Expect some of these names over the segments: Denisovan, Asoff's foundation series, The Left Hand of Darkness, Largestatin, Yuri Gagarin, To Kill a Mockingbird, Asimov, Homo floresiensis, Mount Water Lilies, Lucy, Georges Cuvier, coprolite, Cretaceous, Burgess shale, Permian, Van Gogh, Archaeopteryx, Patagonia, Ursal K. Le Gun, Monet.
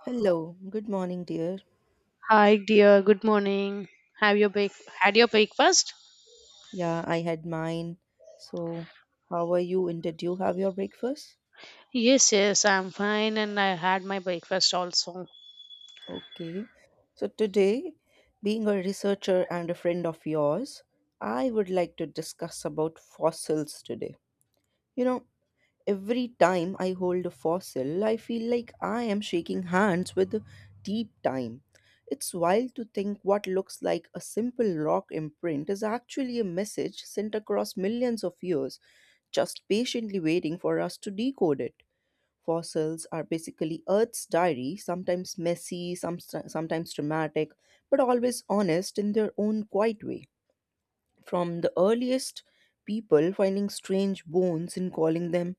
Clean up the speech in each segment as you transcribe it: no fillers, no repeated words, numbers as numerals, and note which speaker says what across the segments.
Speaker 1: Hello, good morning, dear.
Speaker 2: Hi, dear. Good morning. Have your break? Had your breakfast?
Speaker 1: Yeah, I had mine. So, how are you? And did you have your breakfast?
Speaker 2: Yes, yes. I'm fine, and I had my breakfast also.
Speaker 1: Okay. So, today, being a researcher and a friend of yours, I would like to discuss about fossils today. You know, every time I hold a fossil, I feel like I am shaking hands with a deep time. It's wild to think what looks like a simple rock imprint is actually a message sent across millions of years just patiently waiting for us to decode it. Fossils are basically Earth's diary, sometimes messy, sometimes dramatic, but always honest in their own quiet way. From the earliest people finding strange bones and calling them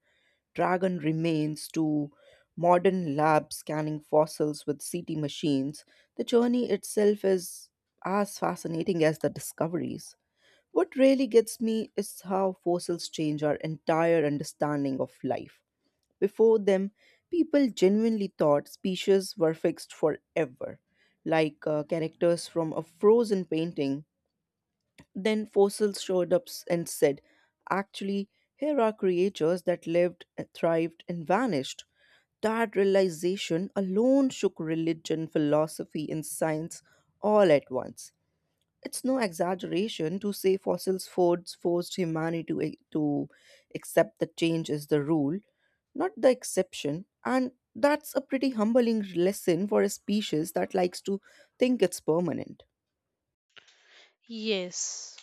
Speaker 1: dragon remains to modern labs scanning fossils with CT machines, the journey itself is as fascinating as the discoveries. What really gets me is how fossils change our entire understanding of life. Before them, people genuinely thought species were fixed forever, like characters from a frozen painting. Then fossils showed up and said, actually, here are creatures that lived, thrived, and vanished. That realization alone shook religion, philosophy, and science all at once. It's no exaggeration to say fossils fords forced humanity to, to accept that change is the rule, not the exception. And that's a pretty humbling lesson for a species that likes to think it's permanent.
Speaker 2: Yes,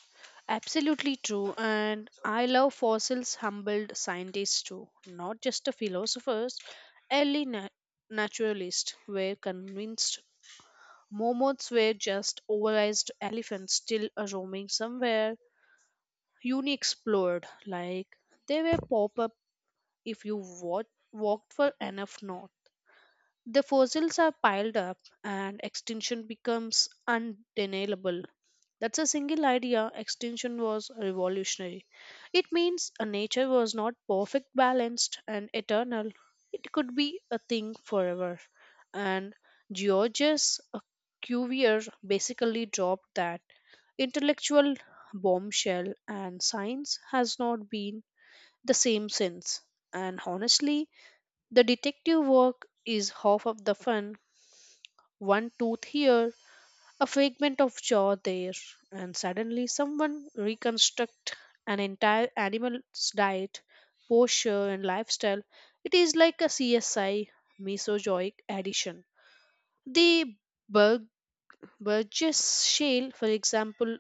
Speaker 2: absolutely true. And I love fossils, humbled scientists too, not just the philosophers. Early naturalists were convinced mammoths were just oversized elephants still roaming somewhere unexplored. Like they were pop up if you walked for enough north. The fossils are piled up and extinction becomes undeniable. That's a single idea. Extinction was revolutionary. It means a nature was not perfect, balanced, and eternal. It could be a thing forever. And Georges Cuvier basically dropped that intellectual bombshell, and science has not been the same since. And honestly, the detective work is half of the fun. One tooth here, a fragment of jaw there, and suddenly someone reconstruct an entire animal's diet, posture, and lifestyle. It is like a CSI mesozoic addition. The bug. Burgess shale, for example,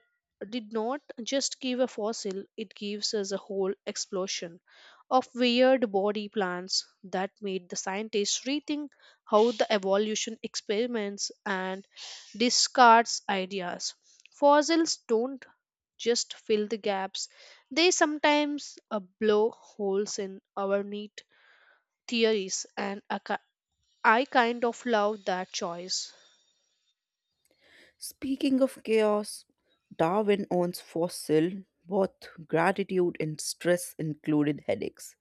Speaker 2: did not just give a fossil, it gives us a whole explosion of weird body plans that made the scientists rethink how the evolution experiments and discards ideas. Fossils don't just fill the gaps, they sometimes blow holes in our neat theories, and I kind of love that choice.
Speaker 1: Speaking of chaos, Darwin owns fossil, both gratitude and stress included headaches.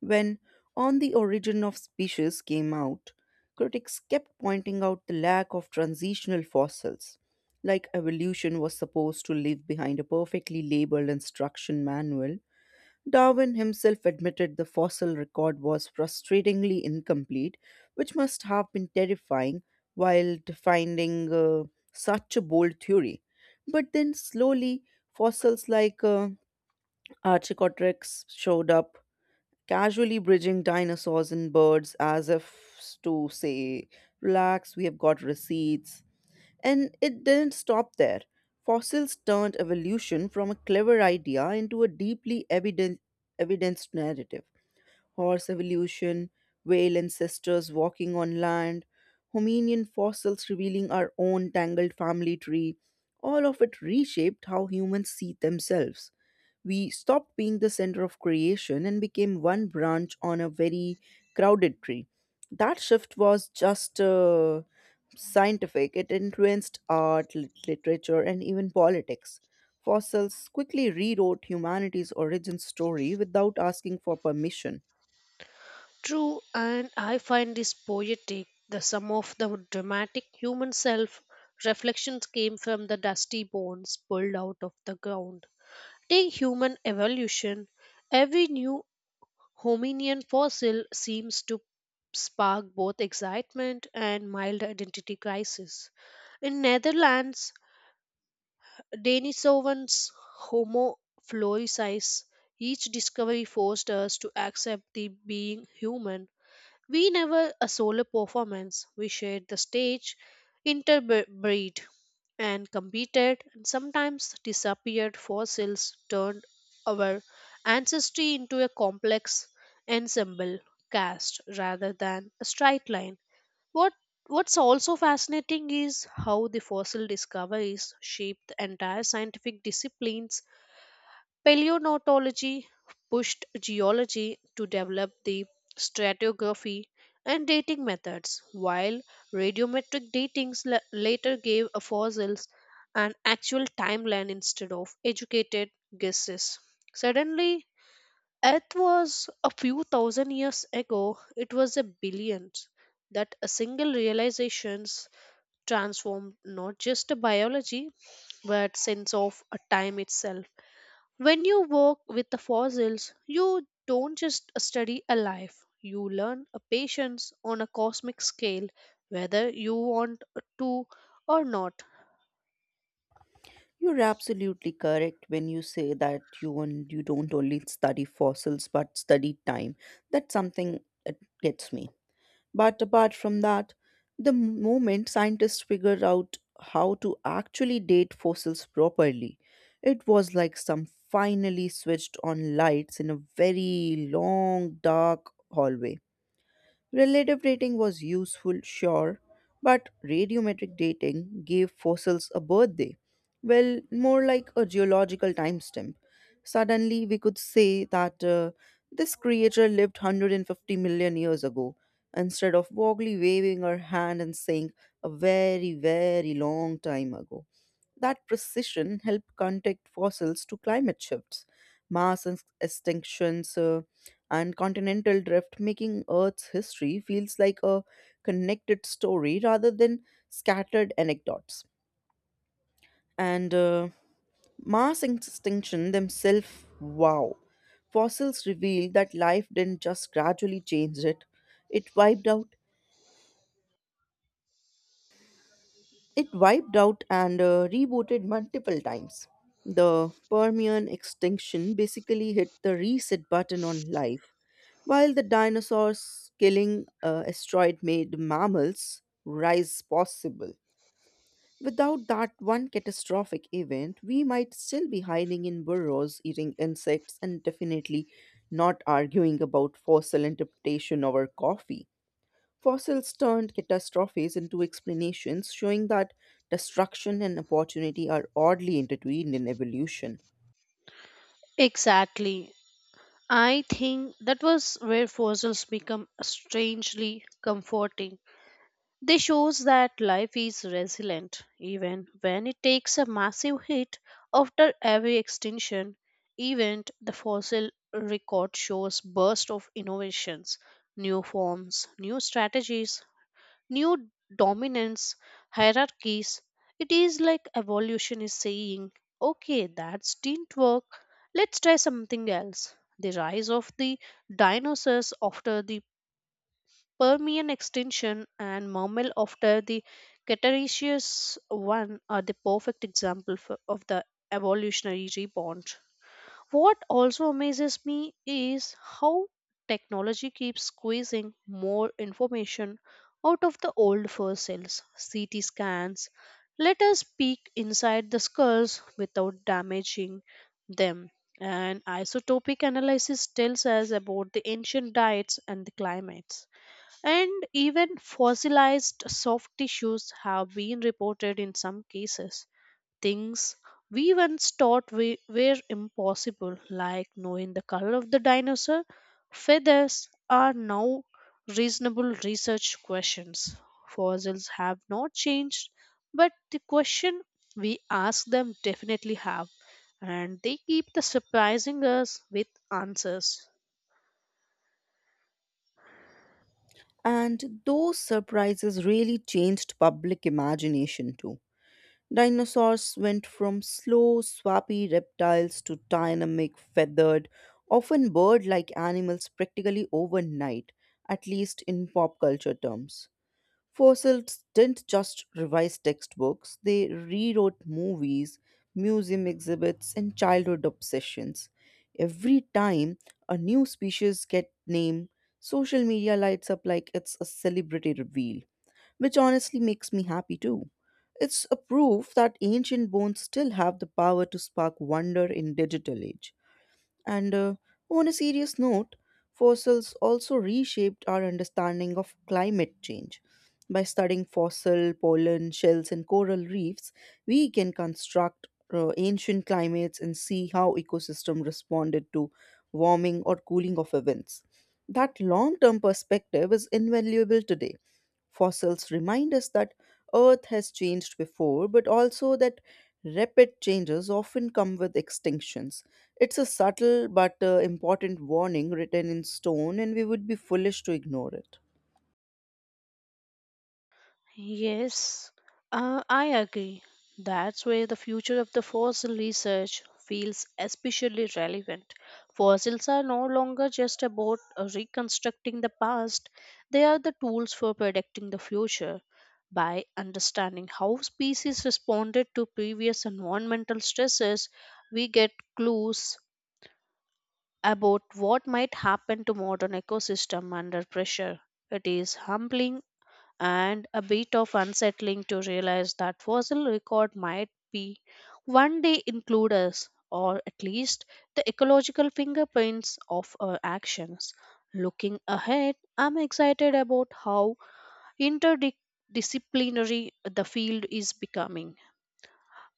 Speaker 1: When On the Origin of Species came out, critics kept pointing out the lack of transitional fossils, like evolution was supposed to leave behind a perfectly labeled instruction manual. Darwin himself admitted the fossil record was frustratingly incomplete, which must have been terrifying while defending such a bold theory. But then slowly, fossils like Archaeopteryx showed up casually bridging dinosaurs and birds as if to say, relax, we have got receipts. And it didn't stop there. Fossils turned evolution from a clever idea into a evidenced narrative. Horse evolution, whale ancestors walking on land, Hominian fossils revealing our own tangled family tree. All of it reshaped how humans see themselves. We stopped being the center of creation and became one branch on a very crowded tree. That shift was just scientific, it influenced art, literature, and even politics. Fossils quickly rewrote humanity's origin story without asking for permission.
Speaker 2: True, and I find this poetic. The sum of the dramatic human self reflections came from the dusty bones pulled out of the ground. Take human evolution. Every new hominian fossil seems to spark both excitement and mild identity crisis. In Netherlands, Denisovan's Homo floresize, each discovery forced us to accept the being human we never a solo performance. We shared the stage, interbreed, and competed, and sometimes disappeared fossils turned our ancestry into a complex ensemble cast rather than a straight line. What What's also fascinating is how the fossil discoveries shaped the entire scientific disciplines. Paleontology pushed geology to develop the stratigraphy and dating methods, while radiometric dating later gave a fossils an actual timeline instead of educated guesses. Suddenly, Earth was a few thousand years ago, it was a billion. That a single realizations transformed not just biology but sense of a time itself. When you work with the fossils, you don't just study a life, you learn a patience on a cosmic scale, whether you want to or not.
Speaker 1: You're absolutely correct when you say that you don't only study fossils but study time. That's something that gets me. But apart from that, the moment scientists figured out how to actually date fossils properly, it was like some finally switched on lights in a very long, dark hallway. Relative dating was useful, sure, but radiometric dating gave fossils a birthday. Well, more like a geological timestamp. Suddenly, we could say that this creature lived 150 million years ago, instead of vaguely waving her hand and saying a very, very long time ago. That precision helped connect fossils to climate shifts, mass extinctions, and continental drift, making Earth's history feels like a connected story rather than scattered anecdotes. And mass extinction themselves, wow. Fossils reveal that life didn't just gradually change it, it wiped out It wiped out and rebooted multiple times. The Permian extinction basically hit the reset button on life, while the dinosaurs killing asteroid made mammals rise possible. Without that one catastrophic event, we might still be hiding in burrows, eating insects, and definitely not arguing about fossil interpretation over coffee. Fossils turned catastrophes into explanations, showing that destruction and opportunity are oddly intertwined in evolution.
Speaker 2: Exactly. I think that was where fossils become strangely comforting. This shows that life is resilient even when it takes a massive hit after every extinction event. The fossil record shows bursts of innovations, new forms, new strategies, new dominance hierarchies. It is like evolution is saying, "Okay, that didn't work. Let's try something else." The rise of the dinosaurs after the Permian extinction and mammal after the Cretaceous one are the perfect example for, of the evolutionary rebound. What also amazes me is how technology keeps squeezing more information out of the old fur cells, CT scans. Let us peek inside the skulls without damaging them. And isotopic analysis tells us about the ancient diets and the climates. And even fossilized soft tissues have been reported in some cases. Things we once thought we were impossible, like knowing the color of the dinosaur feathers, are now reasonable research questions. Fossils have not changed, but the question we ask them definitely have, and they keep the surprising us with answers.
Speaker 1: And those surprises really changed public imagination too. Dinosaurs went from slow, swampy reptiles to dynamic, feathered, often bird like animals practically overnight, at least in pop culture terms. Fossils didn't just revise textbooks, they rewrote movies, museum exhibits, and childhood obsessions. Every time a new species gets named, social media lights up like it's a celebrity reveal, which honestly makes me happy too. It's a proof that ancient bones still have the power to spark wonder in digital age. And on a serious note, fossils also reshaped our understanding of climate change. By studying fossil, pollen, shells, and coral reefs, we can construct ancient climates and see how ecosystem responded to warming or cooling of events. That long-term perspective is invaluable today. Fossils remind us that Earth has changed before, but also that rapid changes often come with extinctions. It's a subtle but important warning written in stone, and we would be foolish to ignore it.
Speaker 2: Yes, I agree. That's where the future of the fossil research feels especially relevant. Fossils are no longer just about reconstructing the past, they are the tools for predicting the future. By understanding how species responded to previous environmental stresses, we get clues about what might happen to modern ecosystem under pressure. It is humbling and a bit of unsettling to realize that fossil record might be one day include us or at least the ecological fingerprints of our actions. Looking ahead, I'm excited about how interdisciplinary the field is becoming.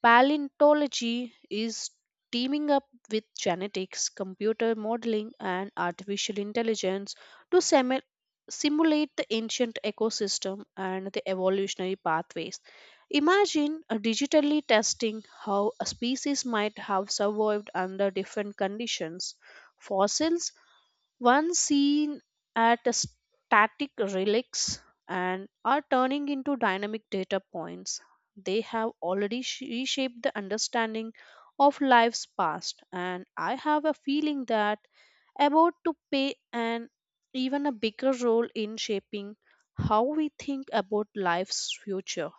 Speaker 2: Paleontology is teaming up with genetics, computer modeling, and artificial intelligence to simulate the ancient ecosystem and the evolutionary pathways. Imagine digitally testing how a species might have survived under different conditions. Fossils one seen at a static relics and are turning into dynamic data points. They have already reshaped the understanding of life's past, and I have a feeling that about to play an even a bigger role in shaping how we think about life's future.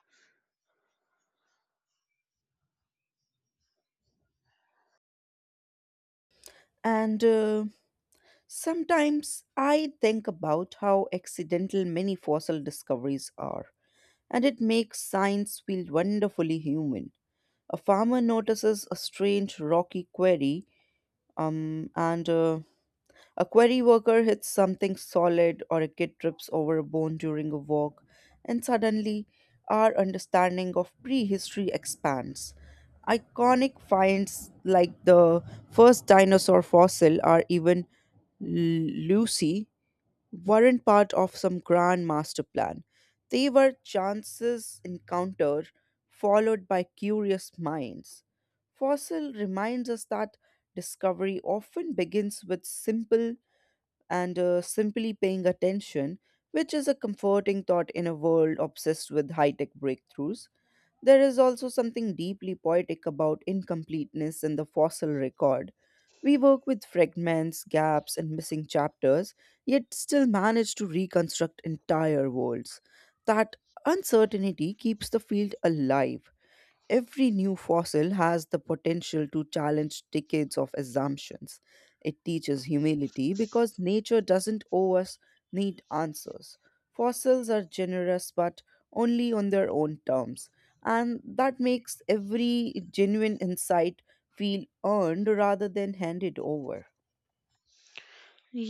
Speaker 1: And sometimes I think about how accidental many fossil discoveries are, and it makes science feel wonderfully human. A farmer notices a strange rocky quarry, and a quarry worker hits something solid, or a kid trips over a bone during a walk, and suddenly our understanding of prehistory expands. Iconic finds like the first dinosaur fossil or even Lucy weren't part of some grand master plan. They were chances encounter followed by curious minds. Fossil reminds us that discovery often begins with simple and simply paying attention, which is a comforting thought in a world obsessed with high tech breakthroughs. There is also something deeply poetic about incompleteness in the fossil record. We work with fragments, gaps, and missing chapters, yet still manage to reconstruct entire worlds. That uncertainty keeps the field alive. Every new fossil has the potential to challenge decades of assumptions. It teaches humility because nature doesn't owe us neat answers. Fossils are generous but only on their own terms, and that makes every genuine insight feel earned rather than handed over.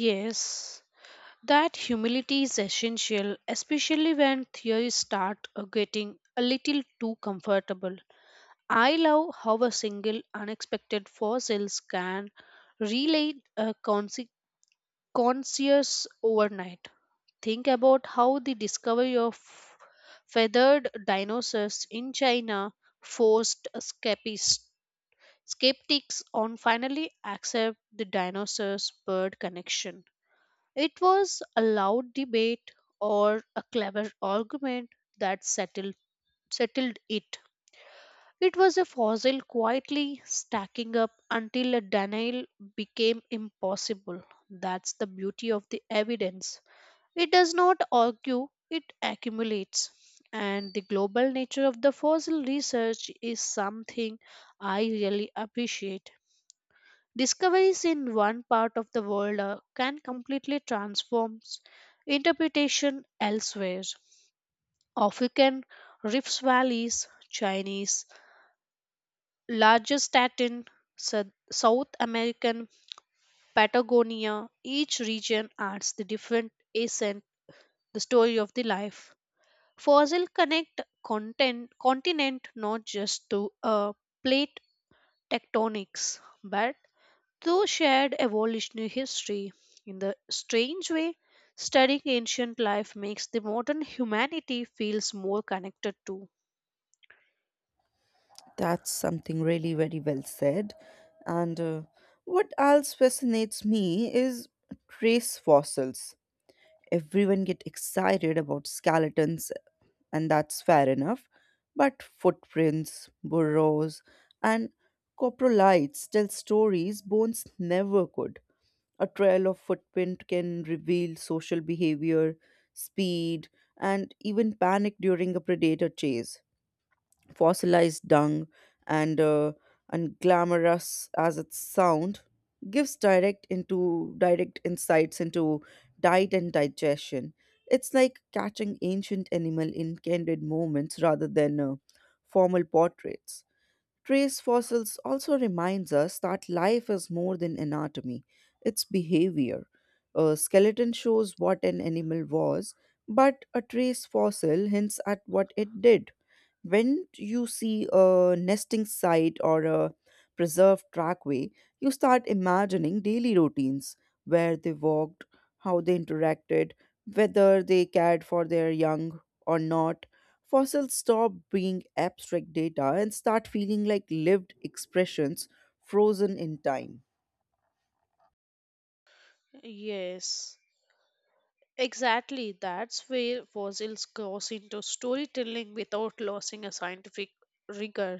Speaker 2: Yes, that humility is essential, especially when theories start getting a little too comfortable. I love how a single unexpected fossils can relate a conscious overnight. Think about how the discovery of feathered dinosaurs in China forced skeptics on finally accept the dinosaurs bird connection. It was a loud debate or a clever argument that settled it. It was a fossil quietly stacking up until a denial became impossible. That's the beauty of the evidence. It does not argue, it accumulates. And the global nature of the fossil research is something I really appreciate. Discoveries in one part of the world can completely transform interpretation elsewhere. African rift valleys, Chinese Largestatin, South American, Patagonia, each region adds the different accent, the story of the life. Fossil connect content, continent not just to plate tectonics, but to shared evolutionary history. In the strange way, studying ancient life makes the modern humanity feels more connected to.
Speaker 1: That's something really very well said. And what else fascinates me is trace fossils. Everyone get excited about skeletons and that's fair enough, but footprints, burrows, and coprolites tell stories bones never could. A trail of footprint can reveal social behavior, speed, and even panic during a predator chase. Fossilized dung, and uh, and glamorous as it sound, gives direct into direct insights into diet and digestion. It's like catching ancient animal in candid moments rather than formal portraits. Trace fossils also reminds us that life is more than anatomy; it's behavior. A skeleton shows what an animal was, but a trace fossil hints at what it did. When you see a nesting site or a preserved trackway, you start imagining daily routines, where they walked, how they interacted, whether they cared for their young or not. Fossils stop being abstract data and start feeling like lived expressions frozen in time.
Speaker 2: Yes. Exactly, that's where fossils cross into storytelling without losing a scientific rigor.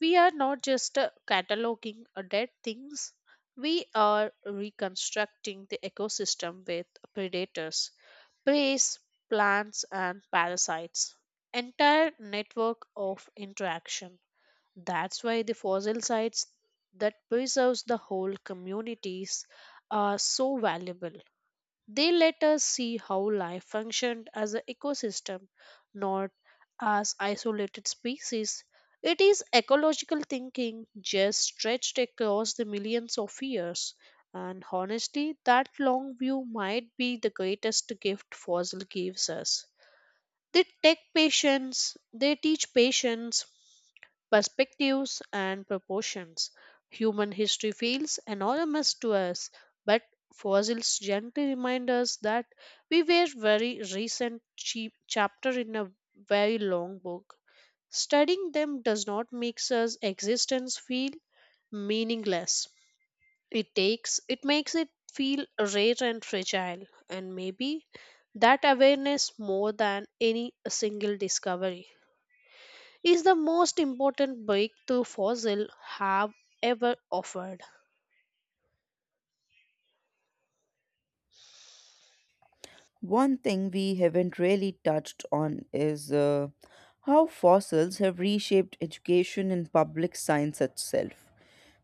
Speaker 2: We are not just cataloging dead things, we are reconstructing the ecosystem with predators, preys, plants, and parasites. Entire network of interaction. That's why the fossil sites that preserves the whole communities are so valuable. They let us see how life functioned as an ecosystem, not as isolated species. It is ecological thinking just stretched across the millions of years. And honestly, that long view might be the greatest gift fossil gives us. They take patience, they teach patience, perspectives, and proportions. Human history feels anonymous to us, but fossils gently remind us that we were very recent cheap chapter in a very long book. Studying them does not make us existence feel meaningless. It takes it makes it feel rare and fragile, and maybe that awareness, more than any single discovery, is the most important breakthrough fossil have ever offered.
Speaker 1: One thing we haven't really touched on is how fossils have reshaped education in public science itself.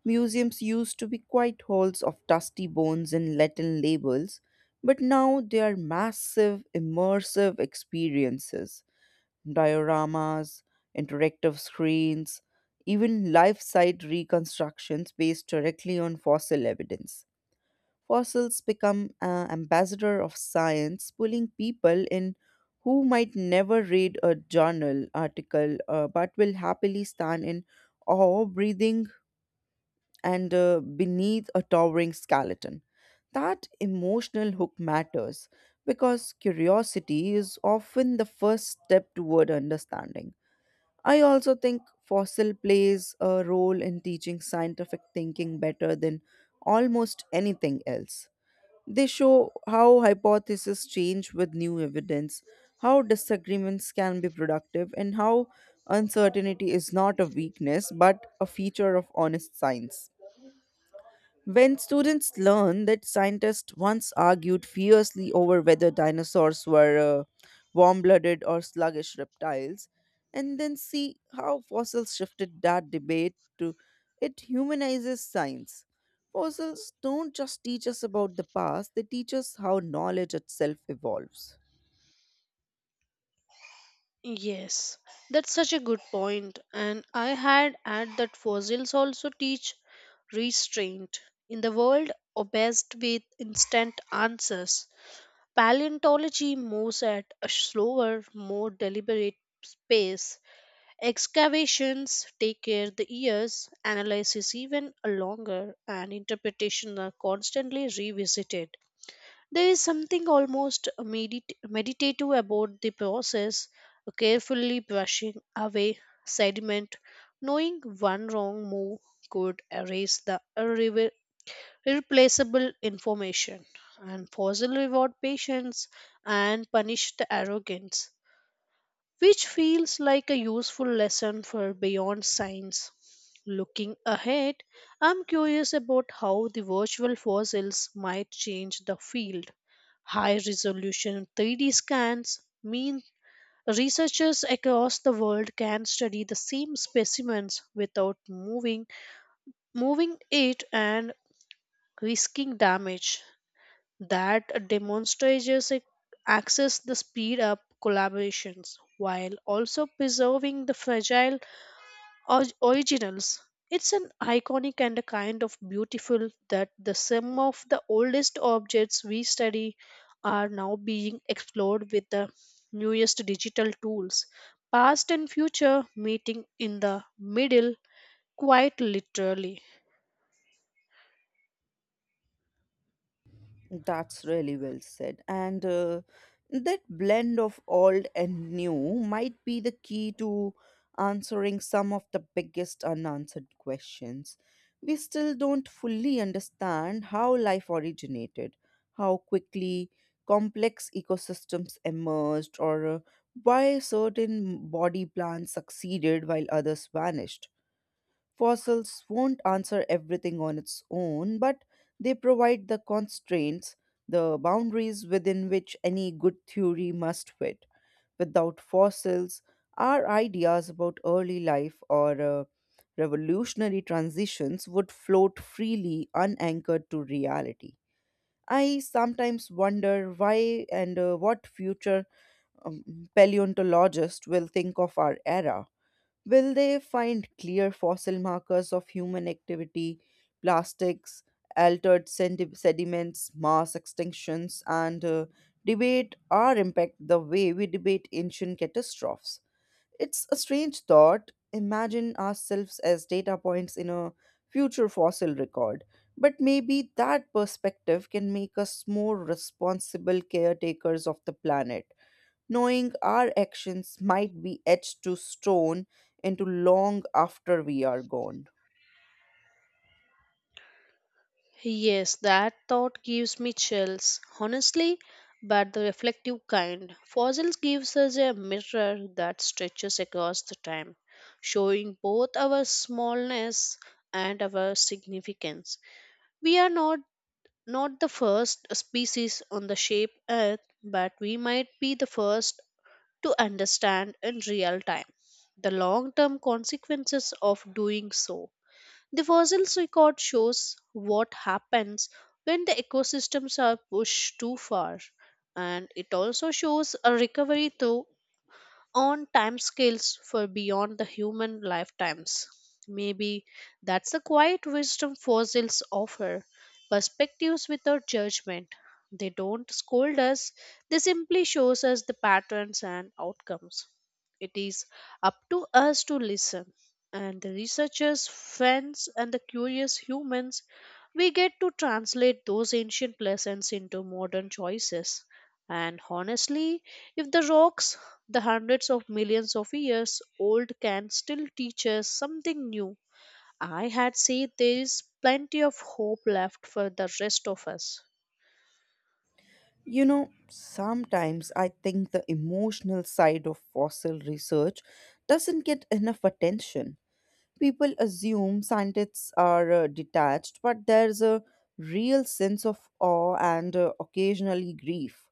Speaker 1: Museums used to be quite halls of dusty bones and Latin labels, but now they are massive, immersive experiences. Dioramas, interactive screens, even life size reconstructions based directly on fossil evidence. Fossils become ambassador of science, pulling people in who might never read a journal article but will happily stand in awe breathing and beneath a towering skeleton. That emotional hook matters because curiosity is often the first step toward understanding. I also think fossil plays a role in teaching scientific thinking better than almost anything else. They show how hypotheses change with new evidence, how disagreements can be productive, and how uncertainty is not a weakness but a feature of honest science. When students learn that scientists once argued fiercely over whether dinosaurs were warm blooded or sluggish reptiles, and then see how fossils shifted that debate to, it humanizes science. Fossils don't just teach us about the past, they teach us how knowledge itself evolves.
Speaker 2: Yes, that's such a good point. And I had add that fossils also teach restraint in the world obsessed with instant answers. Paleontology moves at a slower more deliberate pace. Excavations take care the years, analysis even a longer, and interpretation are constantly revisited. There is something almost meditative about the process, carefully brushing away sediment, knowing one wrong move could erase the irreplaceable information, and fossil reward patience and punish the arrogance, which feels like a useful lesson for beyond science. Looking ahead, I'm curious about how the virtual fossils might change the field. High resolution 3D scans mean researchers across the world can study the same specimens without moving it and risking damage. That demonstrates access the speed up collaborations while also preserving the fragile originals. It's an iconic and a kind of beautiful that the some of the oldest objects we study are now being explored with the newest digital tools. Past and future meeting in the middle, quite literally.
Speaker 1: That's really well said. And that blend of old and new might be the key to answering some of the biggest unanswered questions. We still don't fully understand how life originated, how quickly complex ecosystems emerged, or why certain body plants succeeded while others vanished. Fossils won't answer everything on its own, but they provide the constraints, the boundaries within which any good theory must fit. Without fossils, our ideas about early life or revolutionary transitions would float freely, unanchored to reality. I sometimes wonder why and what future um, paleontologists will think of our era. Will they find clear fossil markers of human activity, plastics, altered sediments, mass extinctions, and debate our impact the way we debate ancient catastrophes? It's a strange thought. Imagine ourselves as data points in a future fossil record. But maybe that perspective can make us more responsible caretakers of the planet, knowing our actions might be etched to stone into long after we are gone.
Speaker 2: Yes, that thought gives me chills, honestly, but the reflective kind. Fossils gives us a mirror that stretches across the time, showing both our smallness and our significance. We are not the first species on the shape earth, but we might be the first to understand in real time the long term consequences of doing so. The fossils record shows what happens when the ecosystems are pushed too far, and it also shows a recovery through on timescales for beyond the human lifetimes. Maybe that's the quiet wisdom fossils offer perspectives without judgment. They don't scold us, they simply shows us the patterns and outcomes. It is up to us to listen. And the researchers, friends, and the curious humans, we get to translate those ancient lessons into modern choices. And honestly, if the rocks the hundreds of millions of years old can still teach us something new. I had said there is plenty of hope left for the rest of us.
Speaker 1: You know, sometimes I think the emotional side of fossil research doesn't get enough attention. People assume scientists are detached, but there's a real sense of awe and occasionally grief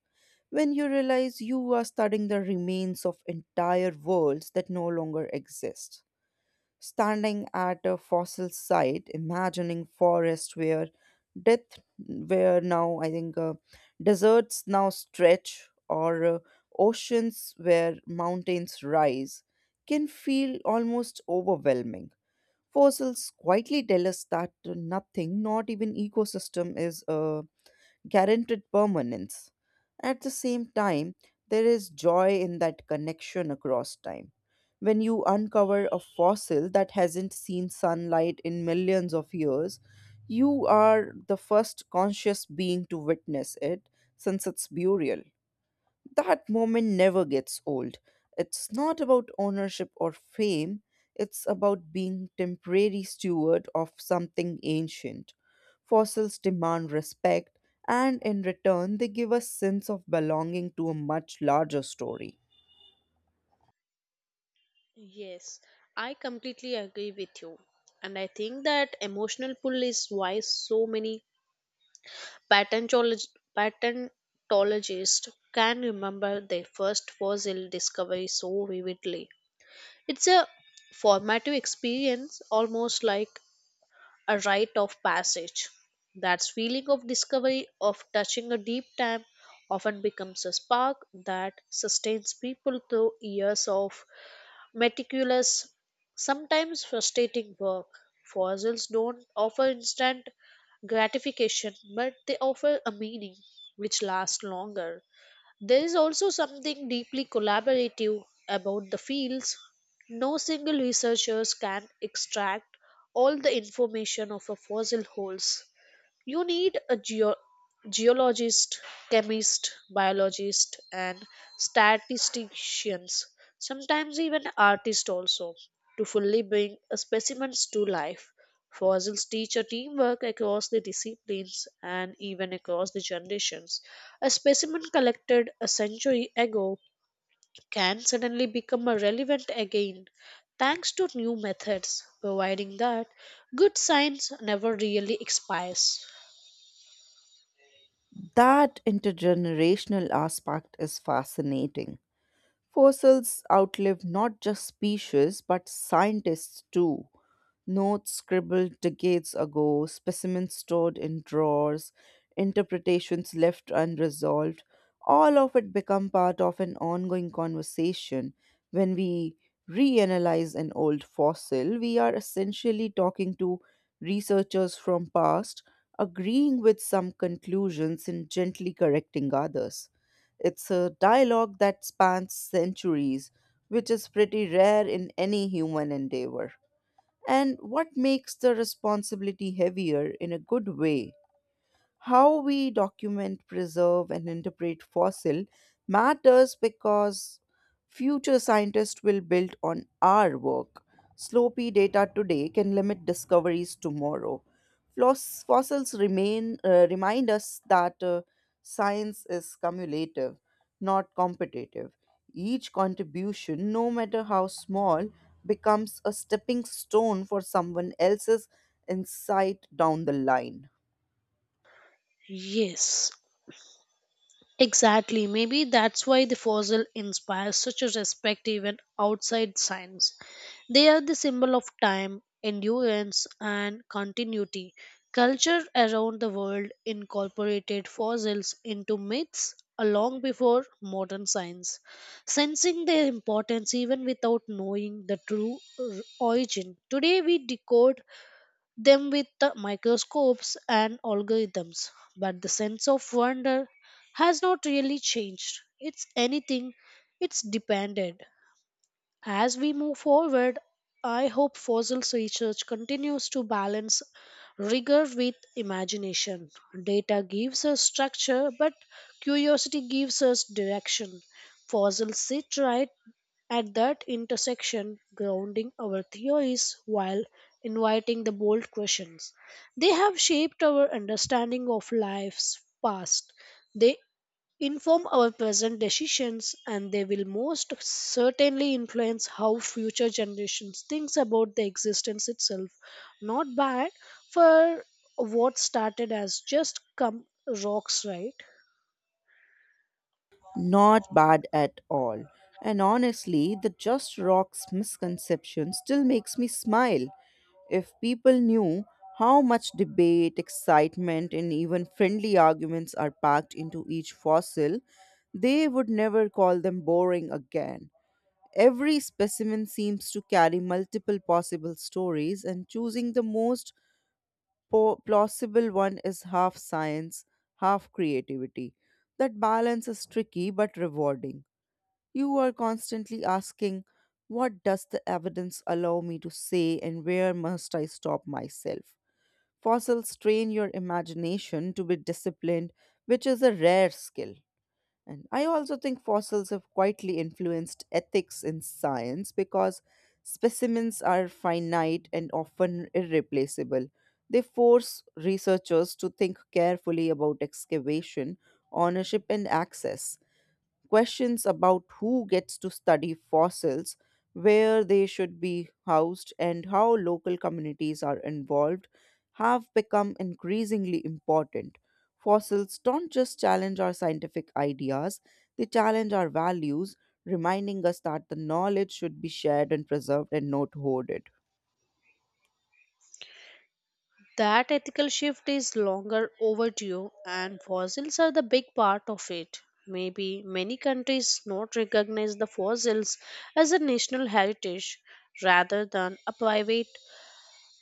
Speaker 1: when you realize you are studying the remains of entire worlds that no longer exist. Standing at a fossil site, imagining forests where death, where now I think deserts now stretch, or oceans where mountains rise, can feel almost overwhelming. Fossils quietly tell us that nothing, not even ecosystem, is guaranteed permanence. At the same time, there is joy in that connection across time. When you uncover a fossil that hasn't seen sunlight in millions of years, you are the first conscious being to witness it since its burial. That moment never gets old. It's not about ownership or fame, it's about being temporary steward of something ancient. Fossils demand respect, and in return, they give a sense of belonging to a much larger story.
Speaker 2: Yes, I completely agree with you. And I think that emotional pull is why so many patentolog- patentologists can remember their first fossil discovery so vividly. It's a formative experience, almost like a rite of passage. That feeling of discovery, of touching a deep time, often becomes a spark that sustains people through years of meticulous, sometimes frustrating work. Fossils don't offer instant gratification, but they offer a meaning which lasts longer. There is also something deeply collaborative about the fields. No single researchers can extract all the information of a fossil holds. You need a geologist, chemist, biologist, and statisticians, sometimes even artists also, to fully bring a specimens to life. Fossils teach a teamwork across the disciplines and even across the generations. A specimen collected a century ago can suddenly become a relevant again thanks to new methods, providing that good science never really expires.
Speaker 1: That intergenerational aspect is fascinating. Fossils outlive not just species, but scientists too. Notes scribbled decades ago, specimens stored in drawers, interpretations left unresolved, all of it become part of an ongoing conversation. When we reanalyze an old fossil, we are essentially talking to researchers from past, agreeing with some conclusions and gently correcting others. It's a dialogue that spans centuries, which is pretty rare in any human endeavor. And what makes the responsibility heavier in a good way? How we document, preserve, and interpret fossil matters because future scientists will build on our work. Sloppy data today can limit discoveries tomorrow. Fossils remain remind us that science is cumulative, not competitive. Each contribution, no matter how small, becomes a stepping stone for someone else's insight down the line.
Speaker 2: Yes, exactly. Maybe that's why the fossil inspires such a respect even outside science. They are the symbol of time, endurance, and continuity. Culture around the world incorporated fossils into myths long before modern science, sensing their importance even without knowing the true origin. Today, we decode them with the microscopes and algorithms, but the sense of wonder has not really changed. It's anything, it's depended. As we move forward, I hope fossils research continues to balance rigor with imagination. Data gives us structure, but curiosity gives us direction. Fossils sit right at that intersection, grounding our theories while inviting the bold questions. They have shaped our understanding of life's past. They inform our present decisions, and they will most certainly influence how future generations thinks about the existence itself. Not bad for what started as just come rocks, right?
Speaker 1: Not bad at all. And honestly, the Just Rocks misconception still makes me smile. If people knew how much debate, excitement, and even friendly arguments are packed into each fossil, they would never call them boring again. Every specimen seems to carry multiple possible stories, and choosing the most plausible one is half science, half creativity. That balance is tricky but rewarding. You are constantly asking, what does the evidence allow me to say, and where must I stop myself? Fossils train your imagination to be disciplined, which is a rare skill. And I also think fossils have quietly influenced ethics in science because specimens are finite and often irreplaceable. They force researchers to think carefully about excavation, ownership, and access. Questions about who gets to study fossils, where they should be housed, and how local communities are involved have become increasingly important. Fossils don't just challenge our scientific ideas, they challenge our values, reminding us that the knowledge should be shared and preserved and not hoarded.
Speaker 2: That ethical shift is longer overdue, and fossils are the big part of it. Maybe many countries not recognize the fossils as a national heritage rather than a private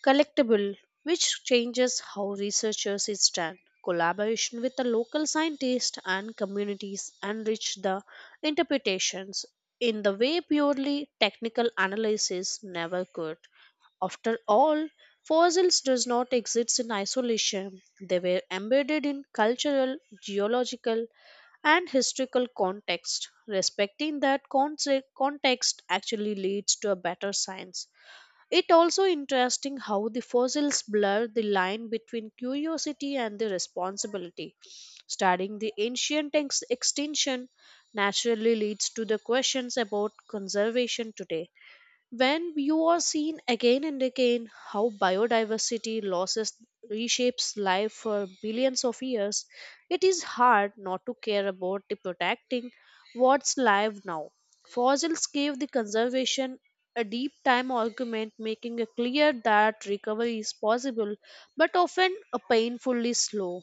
Speaker 2: collectible, which changes how researchers is done. Collaboration with the local scientists and communities enrich the interpretations in the way purely technical analysis never could. After all, fossils does not exist in isolation. They were embedded in cultural, geological, and historical context. Respecting that context actually leads to a better science. It also interesting how the fossils blur the line between curiosity and the responsibility. Studying the ancient extinction naturally leads to the questions about conservation today. When you are seen again and again how biodiversity losses reshapes life for billions of years, it is hard not to care about the protecting what's live now. Fossils gave the conservation a deep time argument, making it clear that recovery is possible but often a painfully slow.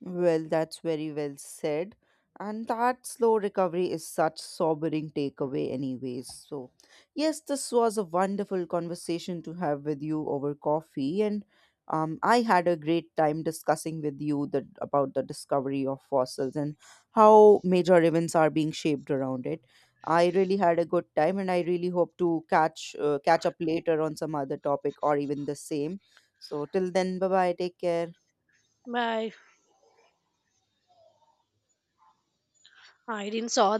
Speaker 1: Well, that's very well said. And that slow recovery is such sobering takeaway anyways. So, yes, this was a wonderful conversation to have with you over coffee and I had a great time discussing with you about the discovery of fossils and how major events are being shaped around it. I really had a good time and I really hope to catch up later on some other topic or even the same. So till then, bye bye, take care.
Speaker 2: My, I didn't saw